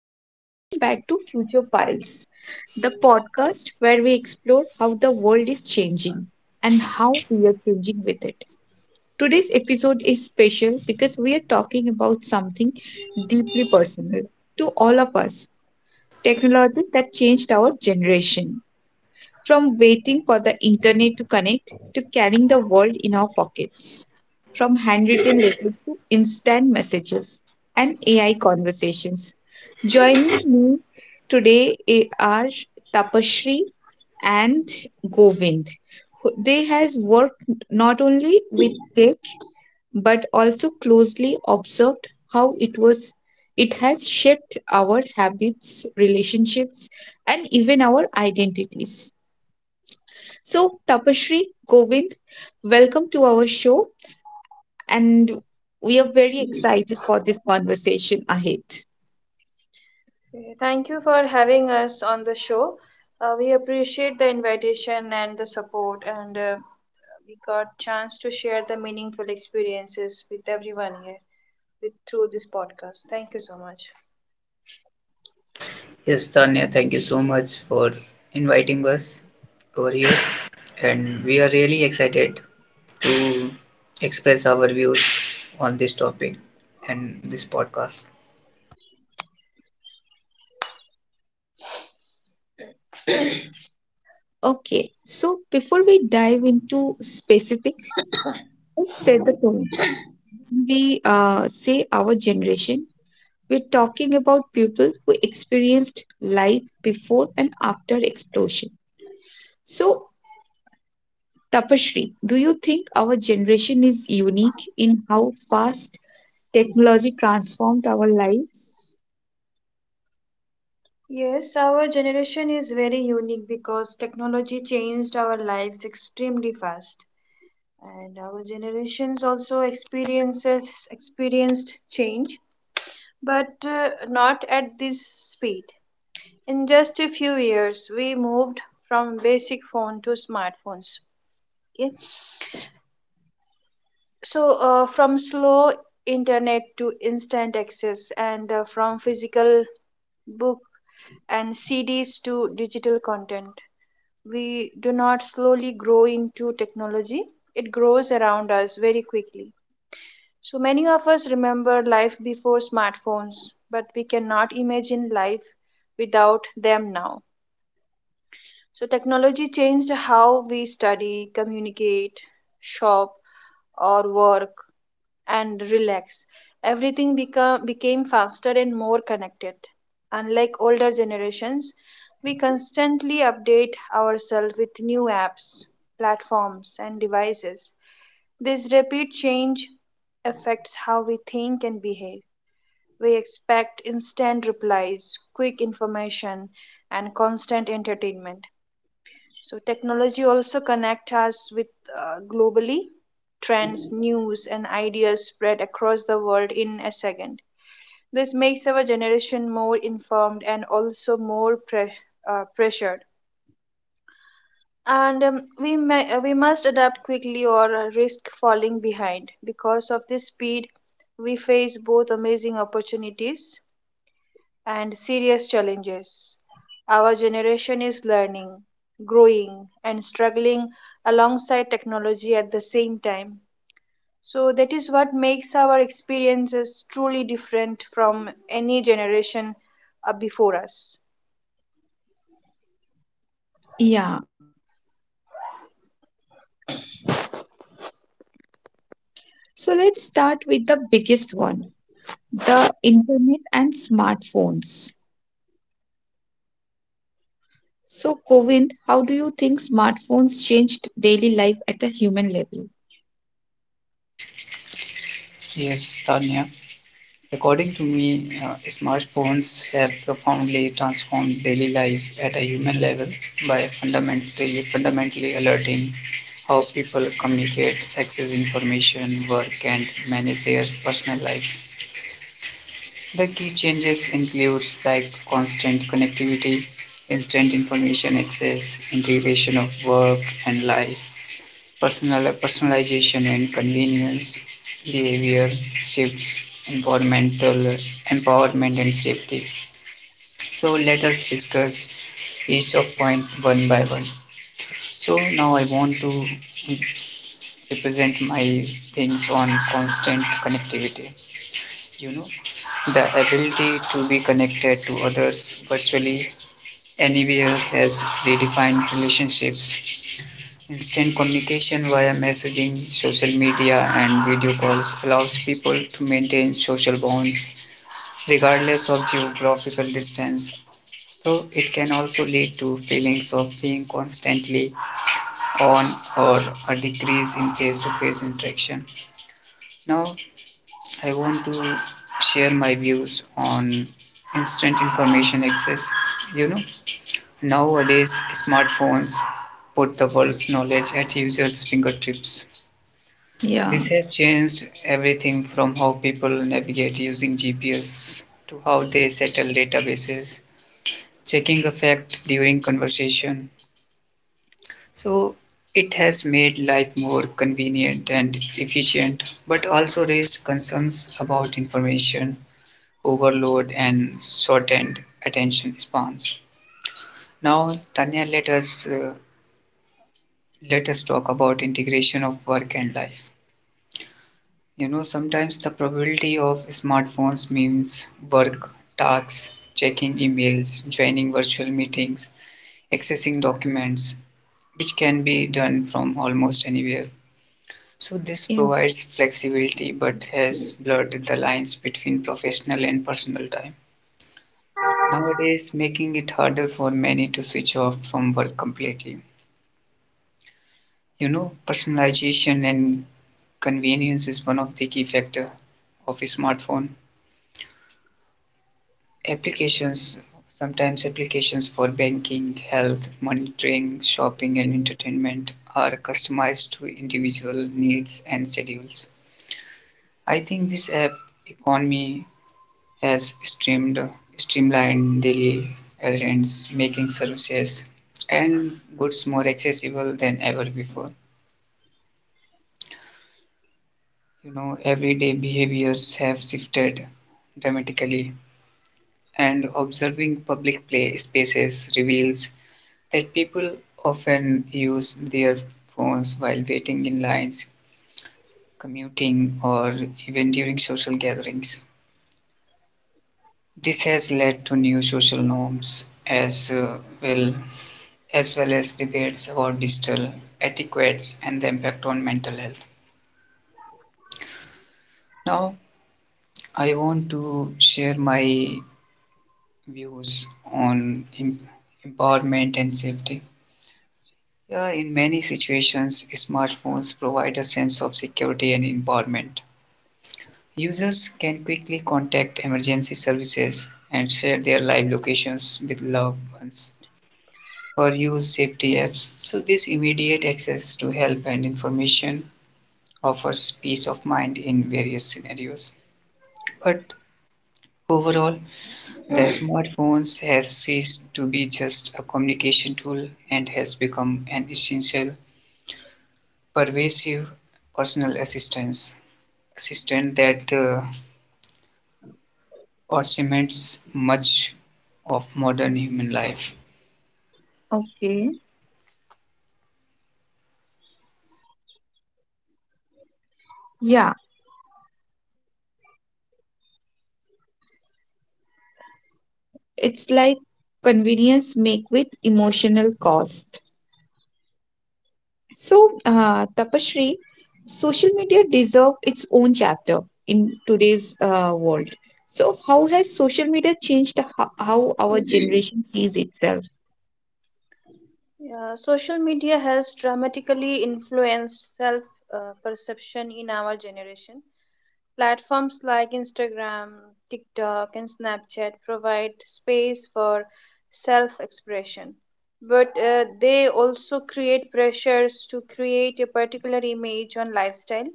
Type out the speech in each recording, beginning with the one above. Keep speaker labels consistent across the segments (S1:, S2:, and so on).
S1: and welcome back to Future Files, the podcast where we explore how the world is changing and how we are changing with it. Today's episode is special because we are talking about something deeply personal to all of us technology that changed our generation. From waiting for the internet to connect to carrying the world in our pockets. From handwritten letters to instant messages and AI conversations. Joining me today are Tapashri and Govind. They has worked not only with tech but also closely observed how it has shaped our habits, relationships, and even our identities. So, Tapashri, Govind, welcome to our show, and we are very excited for the conversation ahead.
S2: Okay, thank you for having us on the show. We appreciate the invitation and the support, and we got chance to share the meaningful experiences with everyone here with through this podcast. Thank you so much.
S3: Yes, Tanya, thank you so much for inviting us over here. And we are really excited to express our views on this topic and this podcast.
S1: Okay, so before we dive into specifics, let's set the tone. When we say our generation, we're talking about people who experienced life before and after explosion. So, Tapashri, do you think our generation is unique in how fast technology transformed our lives?
S2: Yes, our generation is very unique because technology changed our lives extremely fast, and our generations also experiences experienced change, but not at this speed. In just a few years we moved from basic phone to smartphones. Okay, so from slow internet to instant access, and from physical book and cds to digital content. We do not slowly grow into technology, it grows around us very quickly. So many of us remember life before smartphones, but we cannot imagine life without them now. So, technology changed how we study, communicate, shop, or work, and relax. Became faster and more connected. Unlike older generations, we constantly update ourselves with new apps, platforms, and devices. This rapid change affects how we think and behave. We expect instant replies, quick information, and constant entertainment. So technology also connect us with globally trends, news and ideas spread across the world in a second. This makes our generation more informed and also more pressured. And we may, we must adapt quickly or risk falling behind. Because of this speed, we face both amazing opportunities and serious challenges. Our generation is learning, growing, and struggling alongside technology at the same time. So, that is what makes our experiences truly different from any generation before us.
S1: Yeah, so let's start with the biggest one, the internet and smartphones. So, Kovind, how do you think smartphones changed daily life at a human level?
S3: Yes, Tanya, according to me, smartphones have profoundly transformed daily life at a human level by fundamentally alerting how people communicate, access information, work, and manage their personal lives. The key changes includes like constant connectivity, instant information access, integration of work and life, personalization and convenience, behavior shifts, environmental empowerment and safety. So let us discuss each of point one by one. So now I want to represent my things on constant connectivity. You know, the ability to be connected to others virtually anywhere has redefined relationships. Instant communication via messaging, social media, and video calls allows people to maintain social bonds regardless of geographical distance. So it can also lead to feelings of being constantly on or a decrease in face-to-face interaction. Now I want to share my views on instant information access. You know, nowadays, smartphones put the world's knowledge at users' fingertips. This
S1: Yeah,
S3: has changed everything from how people navigate using GPS to how they settle databases, checking a fact during conversation. So, it has made life more convenient and efficient, but also raised concerns about information overload and shortened attention spans. Now, Tanya, let us talk about integration of work and life. You know, sometimes the probability of smartphones means work, tasks, checking emails, joining virtual meetings, accessing documents, which can be done from almost anywhere. So, this
S1: yeah,
S3: provides flexibility but has blurred the lines between professional and personal time. Nowadays, making it harder for many to switch off from work completely. You know, personalization and convenience is one of the key factor of a smartphone. Applications, sometimes applications for banking, health, monitoring, shopping, and entertainment are customized to individual needs and schedules. I think this app economy has streamlined daily errands, making services and goods more accessible than ever before. You know, everyday behaviors have shifted dramatically and observing public play spaces reveals that people often use their phones while waiting in lines, commuting, or even during social gatherings. This has led to new social norms as well as debates about digital etiquettes and the impact on mental health. Now, I want to share my views on empowerment and safety. Yeah, in many situations, smartphones provide a sense of security and involvement. Users can quickly contact emergency services and share their live locations with loved ones or use safety apps. So, this immediate access to help and information offers peace of mind in various scenarios. But overall, the smartphones has ceased to be just a communication tool and has become an essential, pervasive personal assistance existence that approximates much of modern human life.
S1: okay. Yeah, it's like convenience make with emotional cost. So, Tapashri, social media deserves its own chapter in today's world. So, how has social media changed how our generation sees itself?
S2: Yeah, social media has dramatically influenced self perception in our generation. Platforms like Instagram, TikTok, and Snapchat provide space for self expression, but they also create pressures to create a particular image on lifestyle.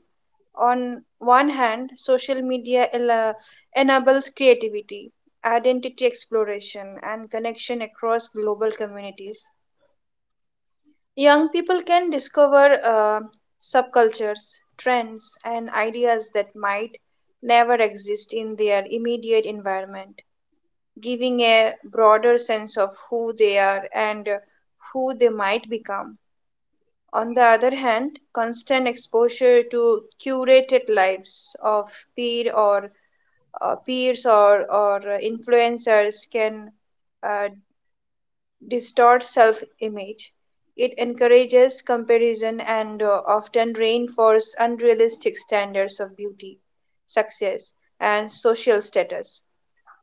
S2: On one hand, social media enables creativity, identity exploration, and connection across global communities. Young people can discover subcultures, trends, and ideas that might never exist in their immediate environment, giving a broader sense of who they are and who they might become. On the other hand, constant exposure to curated lives of peer or peers or influencers can uh, distorts self-image. It encourages comparison and often reinforces unrealistic standards of beauty, success, and social status.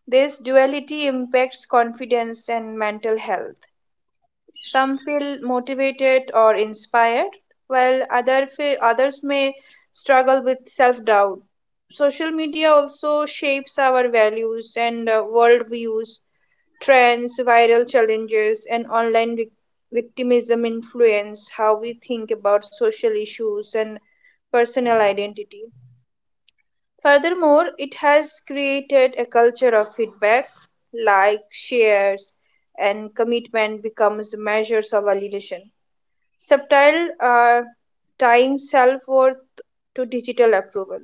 S2: This duality impacts confidence and mental health. Some feel motivated or inspired, while others may struggle with self-doubt. Social media also shapes our values and worldviews. Trends, viral challenges, and online victimism influence how we think about social issues and personal identity. Furthermore, it has created a culture of feedback, like shares, and commitment becomes measures of validation. Subtle Tying self worth to digital approval.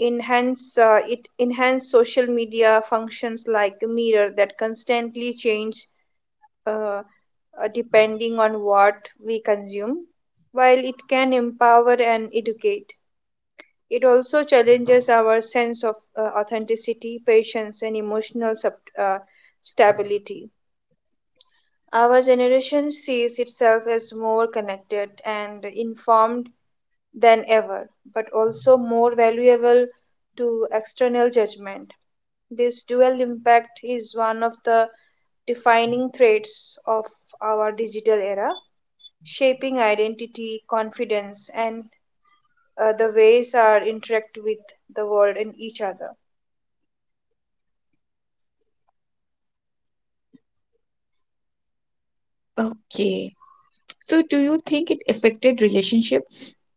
S2: Enhance it enhance social media functions like a mirror that constantly change uh, depending on what we consume. While it can empower and educate, it also challenges our sense of authenticity, patience, and emotional stability. Our generation sees itself as more connected and informed than ever, but also more valuable to external judgment. This dual impact is one of the defining traits of our digital era shaping identity, confidence, and the ways our interact with the world and each other.
S1: Okay. So, do you think it affected relationships?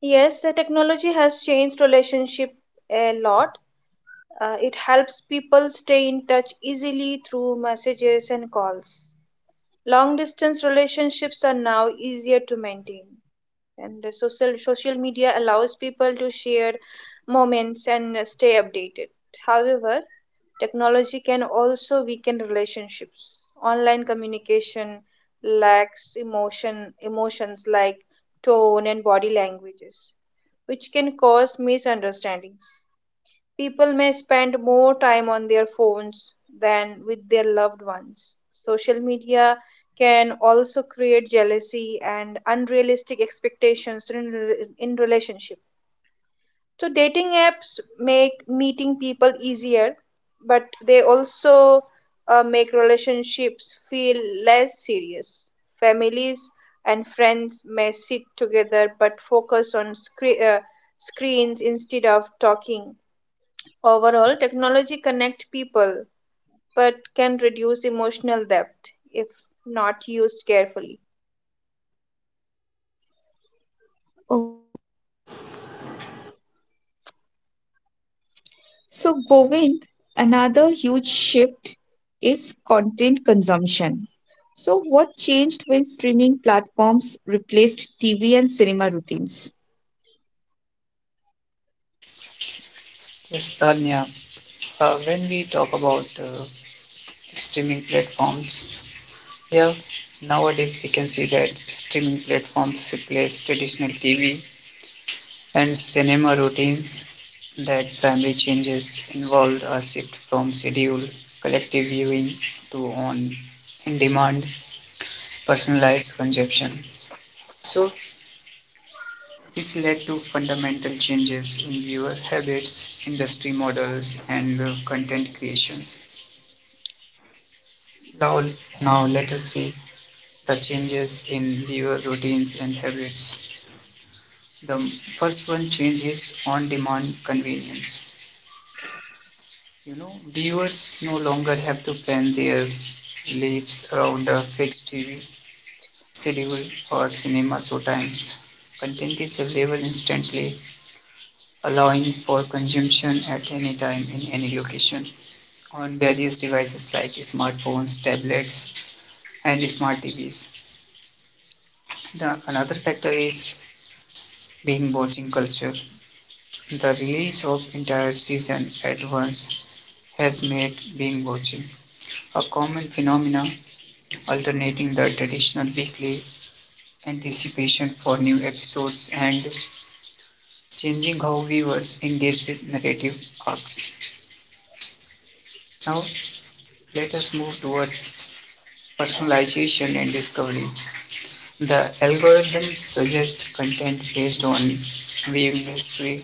S2: Yes, technology has changed relationship a lot. It helps people stay in touch easily through messages and calls. Long distance relationships are now easier to maintain, and the social media allows people to share moments and stay updated. However, technology can also weaken relationships. Online communication lacks emotions like tone and body languages, which can cause misunderstandings. People may spend more time on their phones than with their loved ones. Social media can also create jealousy and unrealistic expectations in relationship. So dating apps make meeting people easier, but they also make relationships feel less serious. Families and friends may sit together but focus on screens instead of talking. Overall, technology connect people but can reduce emotional depth if not used carefully.
S1: So, Govind, another huge shift is content consumption. So, what changed when streaming platforms replaced TV and cinema routines?
S3: Yes, Tanya, when we talk about streaming platforms, yeah, nowadays we can see that streaming platforms replace traditional TV and cinema routines. That primary changes involved a shift from scheduled collective viewing to on in demand personalized consumption. So, this led to fundamental changes in viewer habits, industry models, and content creations. Now let us see the changes in viewer routines and habits. The first one change is on-demand convenience. You know, viewers no longer have to plan their lives around a fixed TV schedule or cinema show times. Content is available instantly, allowing for consumption at any time in any location, on various devices like smartphones, tablets, and smart TVs. The another factor is being watching culture. The release of entire season at once has made being watching a common phenomenon, alternating the traditional weekly anticipation for new episodes and changing how viewers engage with narrative arcs. Now, let us move towards personalization and discovery. The algorithm suggests content based on viewing history,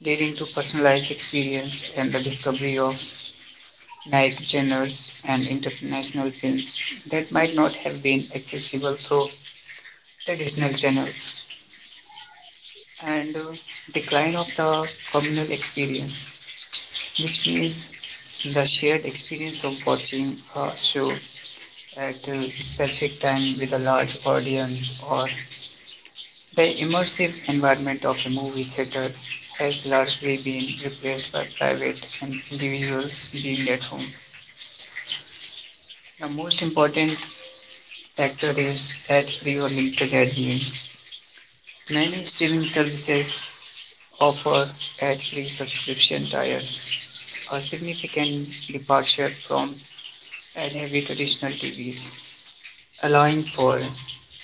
S3: leading to personalized experience and the discovery of niche genres and international films that might not have been accessible through traditional channels, and decline of the communal experience, which means the shared experience of watching a show at a specific time with a large audience or the immersive environment of a movie theater has largely been replaced by private and individuals being at home. The most important factor is ad free or limited ad viewing. Many streaming services offer ad free subscription tiers, a significant departure from ad heavy traditional TVs, allowing for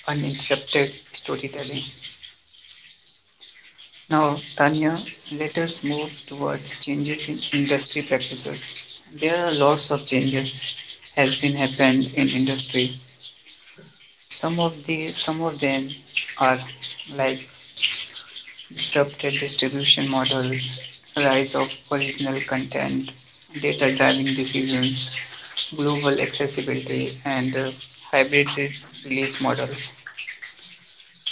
S3: uninterrupted storytelling. Now, Tanya, let us move towards changes in industry practices. There are lots of changes has been happened in industry. Some of them are like disrupted distribution models, rise of original content, data-driving decisions, global accessibility, and hybrid release models.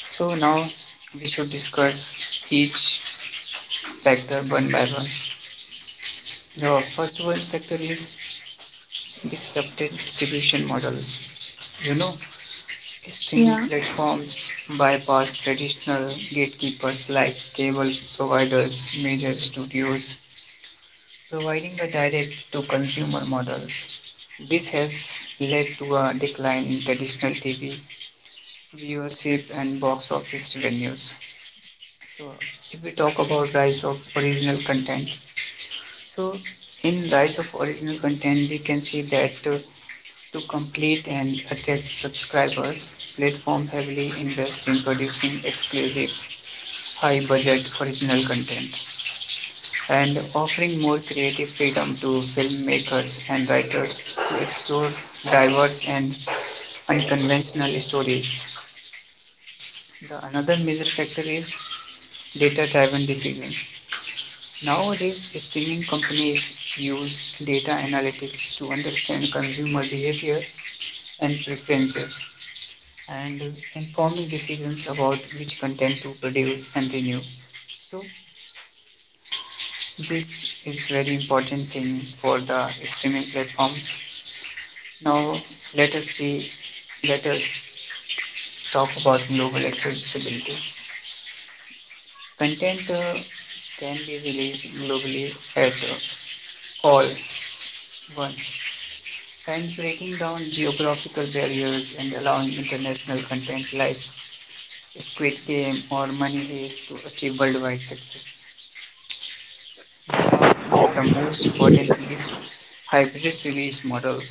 S3: So now we should discuss each factor one by one. The first one factor is disrupted distribution models. You know, streaming
S1: Yeah,
S3: platforms bypass traditional gatekeepers like cable providers, major studios, providing a direct to consumer models. This has led to a decline in traditional TV viewership and box office revenues. So, if we talk about rise of original content, so in rise of original content, we can see that to complete and attach subscribers, platform heavily invest in producing exclusive, high-budget original content and offering more creative freedom to filmmakers and writers to explore diverse and unconventional stories. The another major factor is data-driven decisions. Nowadays, streaming companies use data analytics to understand consumer behavior and preferences and informing decisions about which content to produce and renew. So this is very important thing for the streaming platforms. Now let us see, let us talk about global accessibility. Content can be released globally at all once and breaking down geographical barriers and allowing international content like Squid Game or Money Heist to achieve worldwide success. The last but the most important is hybrid release models.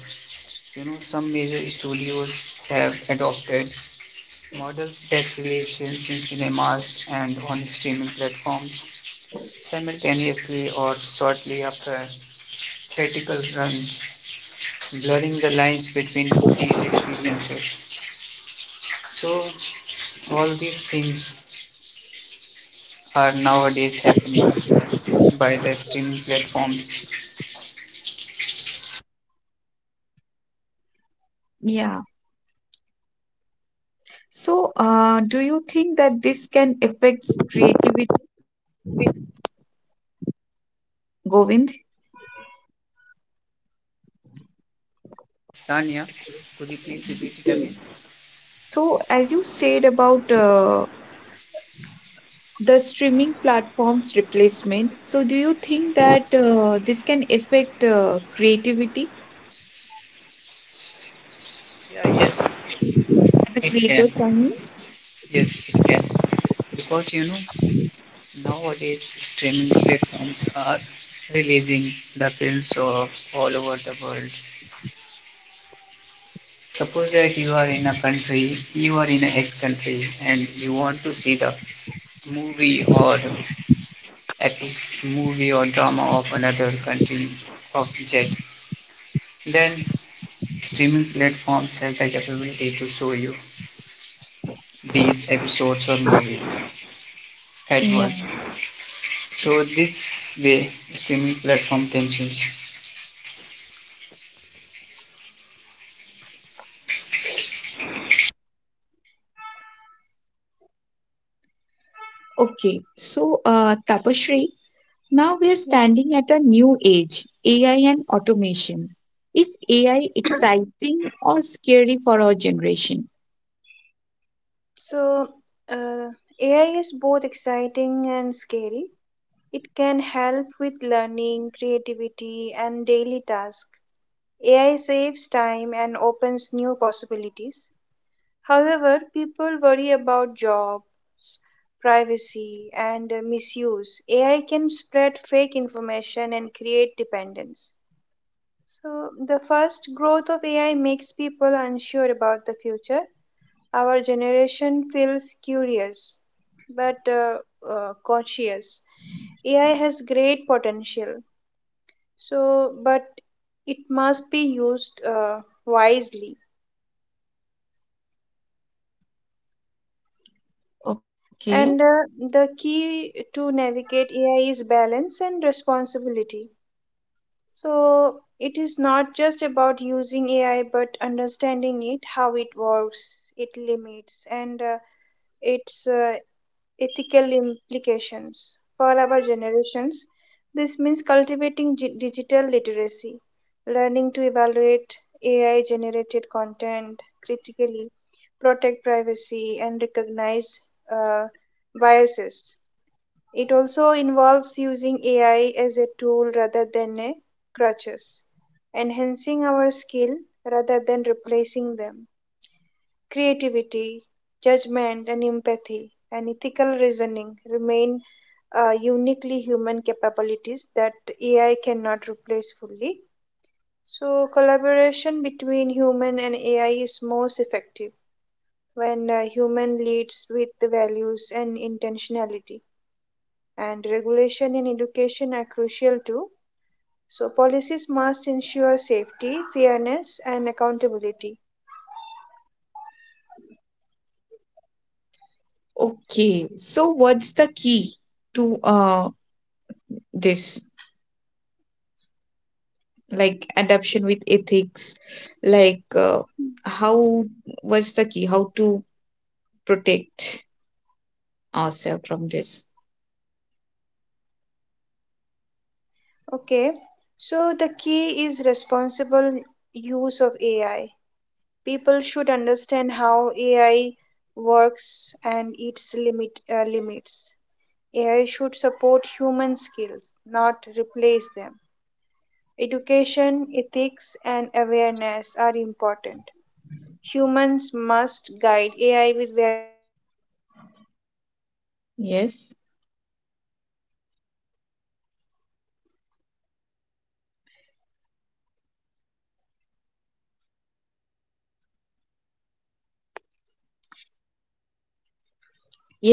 S3: You know, some major studios have adopted models that release films in cinemas and on streaming platforms simultaneously or shortly after theatrical runs, blurring the lines between two these experiences. So all these things are nowadays happening by the streaming platforms.
S1: yeah. So, do you think that this can affect creativity, Govind?
S3: Yes, Tanya, could you please repeat it again?
S1: So, as you said about the streaming platforms replacement, so do you think that this can affect creativity,
S3: Yeah, yes,
S1: at the
S3: it can.
S1: creator, I
S3: Yes, it can. Because you know, nowadays streaming platforms are releasing the films of all over the world. Suppose that you are in a country, you are in an X country, and you want to see the movie or episode, movie or drama of another country of Z. Then streaming platforms have the capability to show you these episodes or movies at
S1: yeah.
S3: once. So this way, streaming platform can change.
S1: Okay, so Tapashri, now we are
S2: Yeah.
S1: standing at a new age, AI and automation. Is AI exciting or scary for our generation?
S2: So, uh, AI is both exciting and scary. It can help with learning, creativity, and daily tasks. AI saves time and opens new possibilities. However, people worry about jobs, privacy, and misuse. AI can spread fake information and create dependence. So, the first growth of AI makes people unsure about the future. Our generation feels curious but cautious. AI has great potential, so but it must be used wisely.
S1: Okay,
S2: And the key to navigate AI is balance and responsibility. So it is not just about using AI, but understanding it, how it works, its limits, and its ethical implications for our generations. This means cultivating digital literacy, learning to evaluate AI generated content critically, protect privacy, and recognize uh, biases. It also involves using AI as a tool rather than a crutches, enhancing our skill rather than replacing them. Creativity, judgment, and empathy, and ethical reasoning remain uniquely human capabilities that AI cannot replace fully. So, collaboration between human and AI is most effective when human leads with the values and intentionality. And regulation in education are crucial too. So, policies must ensure safety, fairness, and accountability.
S1: okay. So what's the key to this, like adoption with ethics? Like, how, what's the key? How to protect ourselves from this?
S2: Okay, so the key is responsible use of AI. People should understand how AI works and its limits. AI should support human skills, not replace them. Education, ethics, and awareness are important. Humans must guide AI with values like fairness and
S1: Yes.
S2: honesty. Balance is essential, and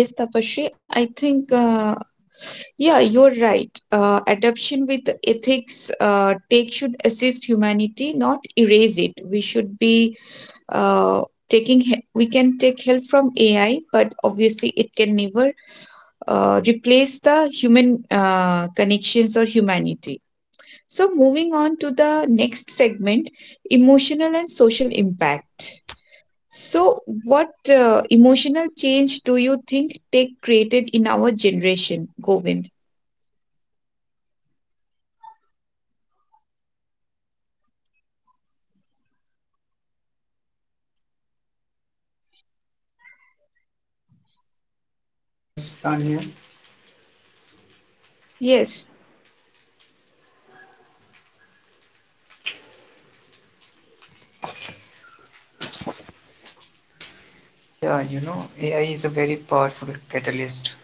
S1: Yes, Tapashri, I think, yeah, you're right. Adoption with ethics take should assist humanity, not erase it. We should be uh, taking, we can take help from AI, but obviously it can never replace the human connections or humanity. So, moving on to the next segment, emotional and social impact. So, what emotional change do you think tech created in our generation, Govind?
S3: Yes, Tanya.
S1: Yes.
S3: Yeah, you know, AI is a very powerful catalyst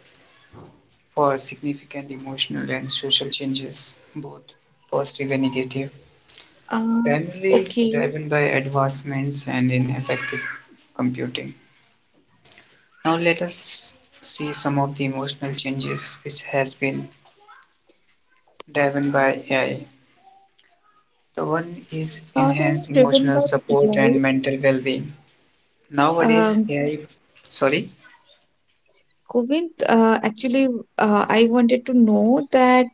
S3: for significant emotional and social changes, both positive and negative,
S1: Uh, okay.
S3: primarily driven by advancements and in effective computing. Now let us see some of the emotional changes which has been driven by AI. The one is
S1: Not only
S3: enhanced
S1: driven
S3: emotional
S1: by
S3: support
S1: AI.
S3: and mental well-being. Nowadays,
S1: Um,
S3: AI Sorry,
S1: Govind, actually, I wanted to know that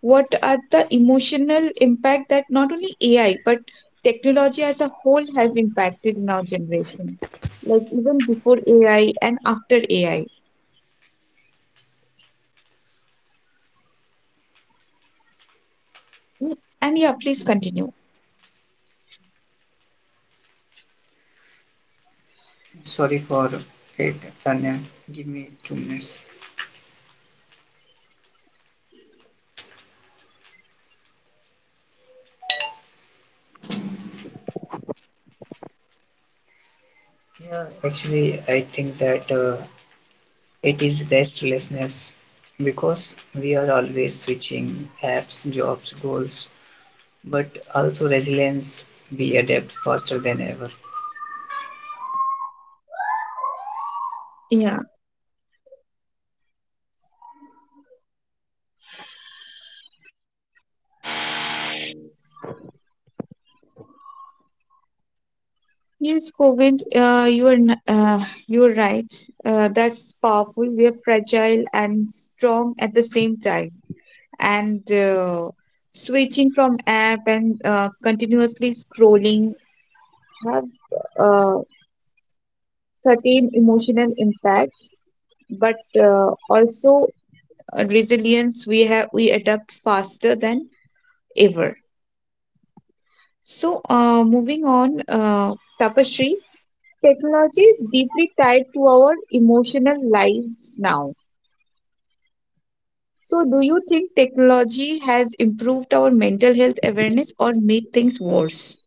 S1: what are the emotional impact that not only AI but technology as a whole has impacted in our generation, like even before AI and after AI. And yeah, please continue.
S3: sorry for it, Tanya. Give me 2 minutes. Yeah, actually, I think that it is restlessness because we are always switching apps, jobs, goals, but also resilience. We adapt faster than ever.
S1: Yeah. Yes, Govind, you're right. That's powerful. We are fragile and strong at the same time. And switching from app and continuously scrolling have uh, certain emotional impacts, but also resilience. We adapt faster than ever. So, moving on, Tapasree. Technology is deeply tied to our emotional lives now. So, do you think technology has improved our mental health awareness or made things worse?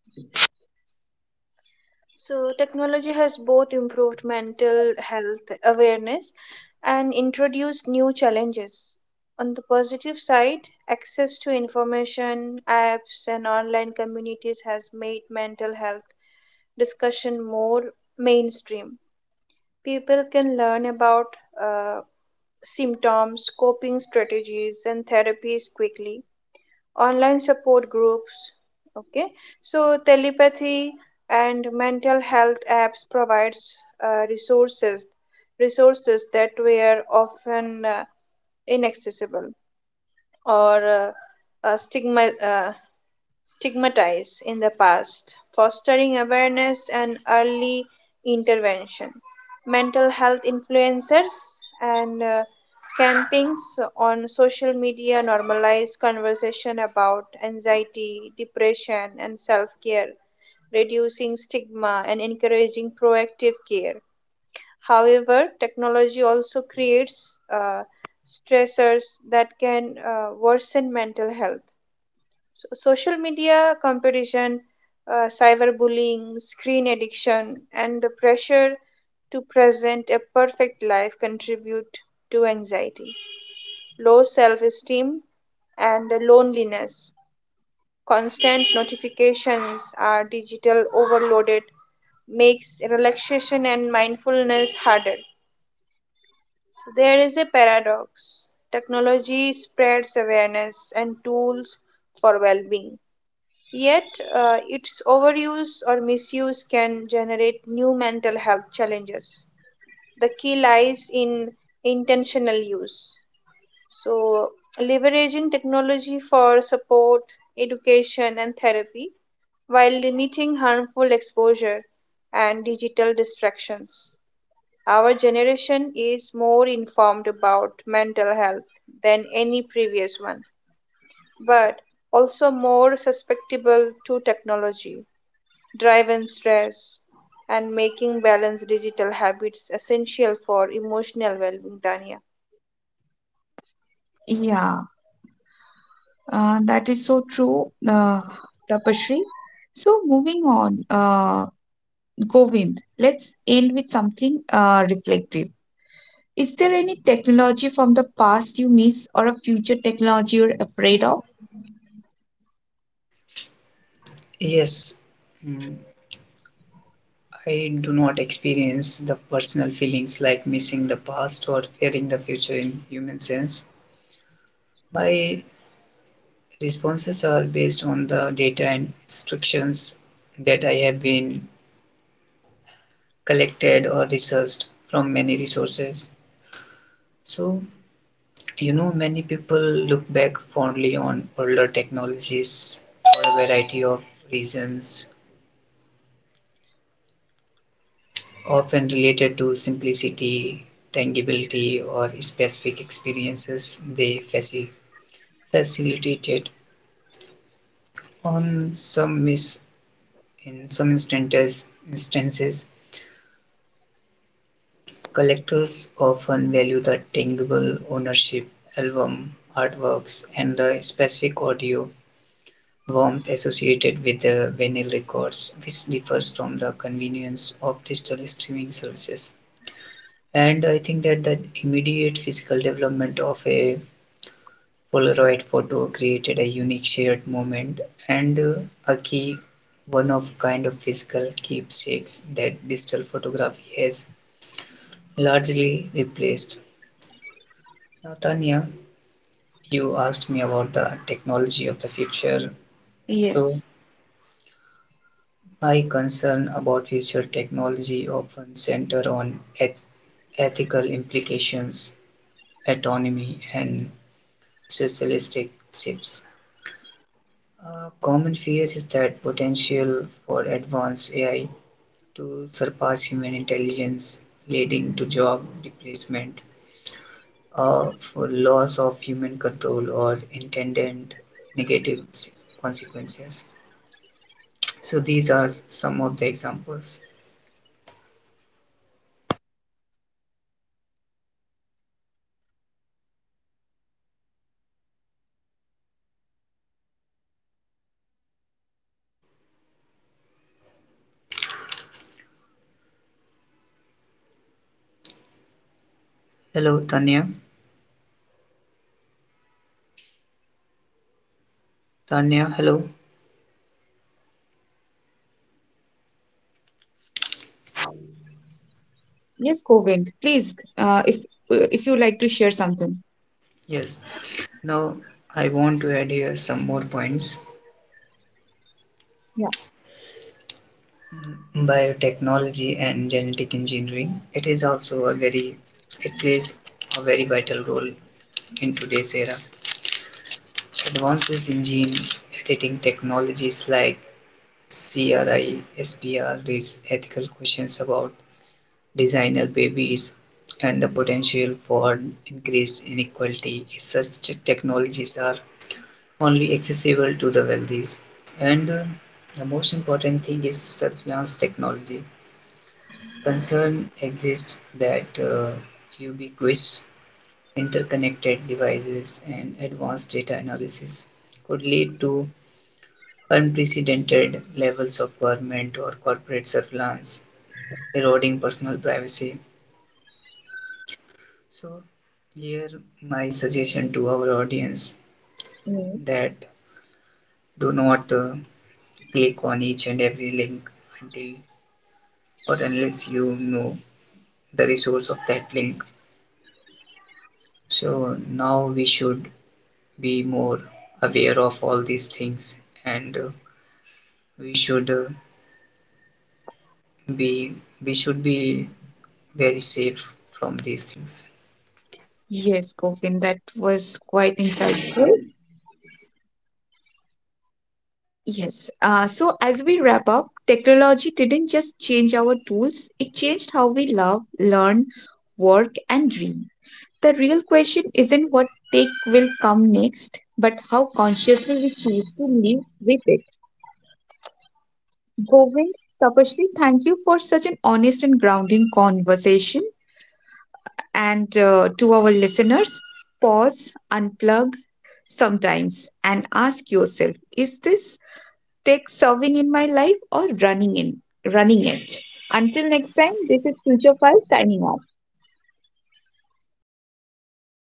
S2: so, technology has both improved mental health awareness and introduced new challenges. On the positive side, access to information, apps, and online communities has made mental health discussion more mainstream. People can learn about uh, symptoms, coping strategies, and therapies quickly. Online support groups, okay, so telepathy and mental health apps provides uh, resources resources that were often inaccessible or uh, stigma, uh, stigmatized in the past, fostering awareness and early intervention. Mental health influencers and campaigns on social media normalize conversation about anxiety, depression, and self care, reducing stigma and encouraging proactive care. However, technology also creates stressors that can worsen mental health. So, social media competition, cyberbullying, screen addiction, and the pressure to present a perfect life contribute to anxiety, low self esteem, and loneliness. Constant notifications are digital overloaded makes relaxation and mindfulness harder. So there is a paradox. Technology spreads awareness and tools for well-being, yet, its overuse or misuse can generate new mental health challenges. The key lies in intentional use. So, leveraging technology for support, education, and therapy while limiting harmful exposure and digital distractions. Our generation is more informed about mental health than any previous one, but also more susceptible to technology driven stress, and making balanced digital habits essential for emotional well being, Dania.
S1: Yeah, that is so true, Tapashri. So, moving on, Govind, let's end with something reflective. Is there any technology from the past you miss or a future technology you're afraid of?
S3: Yes, mm, I do not experience the personal feelings like missing the past or fearing the future in human sense. My responses are based on the data and instructions that I have been collected or researched from many resources. So, you know, many people look back fondly on older technologies for a variety of reasons, often related to simplicity, tangibility, or specific experiences they facilitated. On some mis- in some instances, collectors often value the tangible ownership, album, artworks, and the specific audio warmth associated with the vinyl records, which differs from the convenience of digital streaming services. And I think that the immediate physical development of a Polaroid photo created a unique shared moment and a key one of kind of physical keepsakes that digital photography has largely replaced. Now, Tanya, you asked me about the technology of the future. So,
S1: Yes.
S3: my concern about future technology often center on ethical implications, autonomy, and socialistic shifts. A common fear is that potential for advanced AI to surpass human intelligence, leading to job replacement, or for loss of human control or intended negative s- consequences. So these are some of the examples. Hello, Tanya. Tanya, hello.
S1: Yes, Govind, please, if you like to share something.
S3: Yes, now I want to add here some more points.
S1: Yeah.
S3: Biotechnology and genetic engineering. It is also a very, it plays a very vital role in today's era. Advances in gene editing technologies like CRISPR raise ethical questions about designer babies and the potential for increased inequality if such technologies are only accessible to the wealthy. And the most important thing is surveillance technology. Concern exists that ubiquitous interconnected devices and advanced data analysis could lead to unprecedented levels of government or corporate surveillance, eroding personal privacy. So, here my suggestion to our audience
S1: Mm.
S3: that do not click on each and every link until but unless you know the resource of that link. So now we should be more aware of all these things and we should be be very safe from these things.
S1: Yes, Govind, that was quite insightful. Yes. So as we wrap up, technology didn't just change our tools, it changed how we love, learn, work, and dream. The real question isn't what tech will come next, but how consciously we choose to live with it. Govind, Tapashri, thank you for such an honest and grounding conversation. And to our listeners, pause, unplug sometimes, and ask yourself: Is this tech serving in my life or running it? Until next time, this is Future File signing off.